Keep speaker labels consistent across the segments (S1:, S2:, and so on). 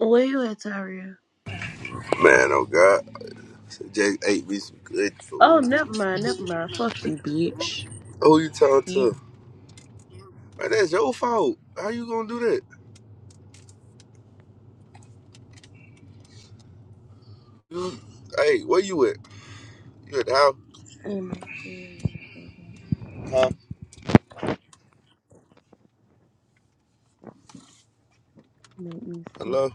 S1: Where you at, Tyria?
S2: Man, oh God. Just ate me some good
S1: Oh,
S2: food.
S1: never mind, never mind. Fuck you.
S2: Who you talking to? Man, that's your fault. How you gonna do that? You, hey, where you at? You at the house?
S1: And my friend
S2: Huh?
S1: made me sleep.
S2: Hello?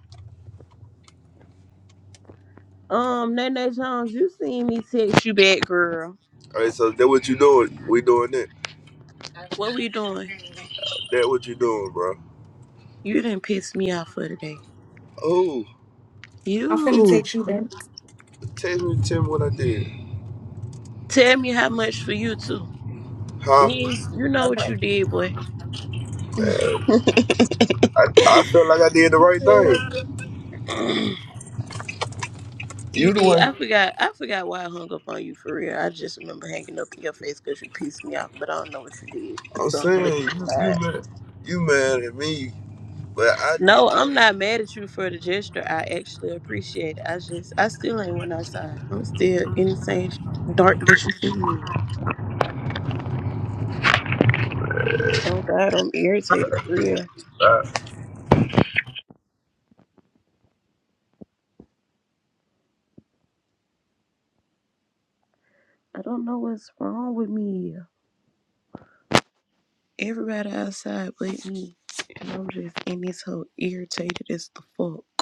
S1: Um, Nene Jones, you seen me text you back, girl.
S2: All right, so that what you doing? We doing that.
S1: What we doing?
S2: That what you doing, bro?
S1: You didn't piss me off for today.
S2: Oh,
S3: I'm finna
S1: You
S3: text you back.
S2: tell me, tell me what I did.
S1: tell me how much for you too.
S2: Huh?
S1: You you know
S3: Okay.
S1: what you did, boy. Just
S2: Man, I, I feel like I did the right
S1: say it, okay?
S2: thing. You
S1: You
S2: the
S1: did.
S2: one.
S1: I forgot. I forgot why I hung up on you for real. I just remember hanging up in your face because you pissed me off, but I don't know what you did.
S2: I'm
S1: So I'm leaving
S2: saying
S1: it
S2: you, you
S1: aside.
S2: mad, you mad at me, but I did
S1: No,
S2: the
S1: I'm
S2: right.
S1: not
S2: thing.
S1: mad at you for the gesture. I actually appreciate it. I just, I still ain't went outside. I'm still in the same dark that you see me. Oh God, I'm irritated for real. I don't know what's wrong with me. Everybody outside but me, and I'm just in this hole irritated as the fuck.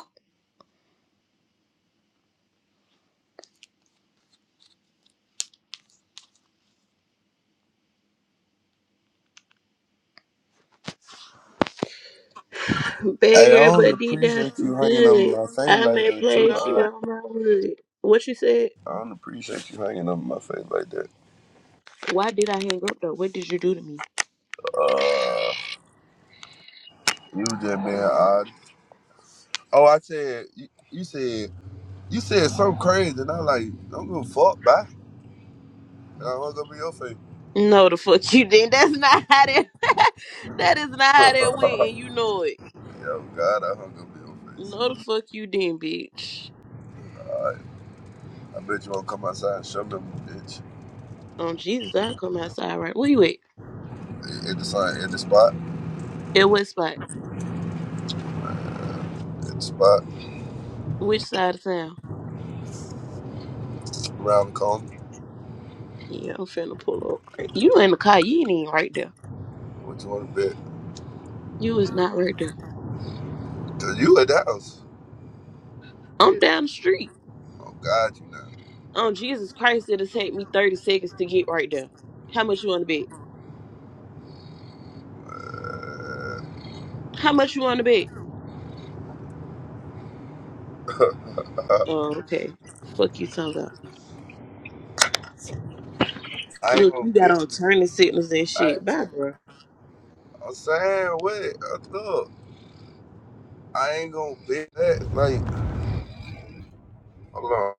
S2: Hey, I
S1: Beggar,
S2: don't
S1: but D down,
S2: appreciate
S1: she
S2: you hanging on
S1: good.
S2: my face
S1: I
S2: like
S1: may
S2: that
S1: play, she
S2: too.
S1: roll my wood. What you said?
S2: I don't appreciate you hanging up in my face like that.
S1: Why did I hang up though? What did you do to me?
S2: Uh, you was just being odd. Oh, I said you, you said you said something crazy, and I like don't give a fuck, bye. And I hung up in your face.
S1: No, the fuck you didn't. That's not how that. that is not how that went, and you know it.
S2: Yo, God, I hung up in your face.
S1: No, the fuck you didn't, bitch.
S2: All right, I bet you won't come outside and shove them bitch
S1: On Jesus, I come outside right. Where you at?
S2: at at the sign, at the spot,
S1: At what spot?
S2: at the spot
S1: Which side of town?
S2: around the corner.
S1: Yeah, I'm finna pull up. right. You in the car? You ain't even right there.
S2: What you want to bet?
S1: You was not right there.
S2: Cause you at the house.
S1: I'm down the street.
S2: Oh God, you know.
S1: On Jesus Christ, it'll take me 30 seconds to get right there. How much you want to bet?
S2: Uh,
S1: How much you want to bet? Oh, okay. Fuck you talking about.
S2: I ain't
S1: Look,
S2: gonna
S1: you got
S2: bet.
S1: on turning signals and
S2: I
S1: shit. Bye, bro.
S2: I'm saying what? Look, I ain't gonna bet that. Like. alone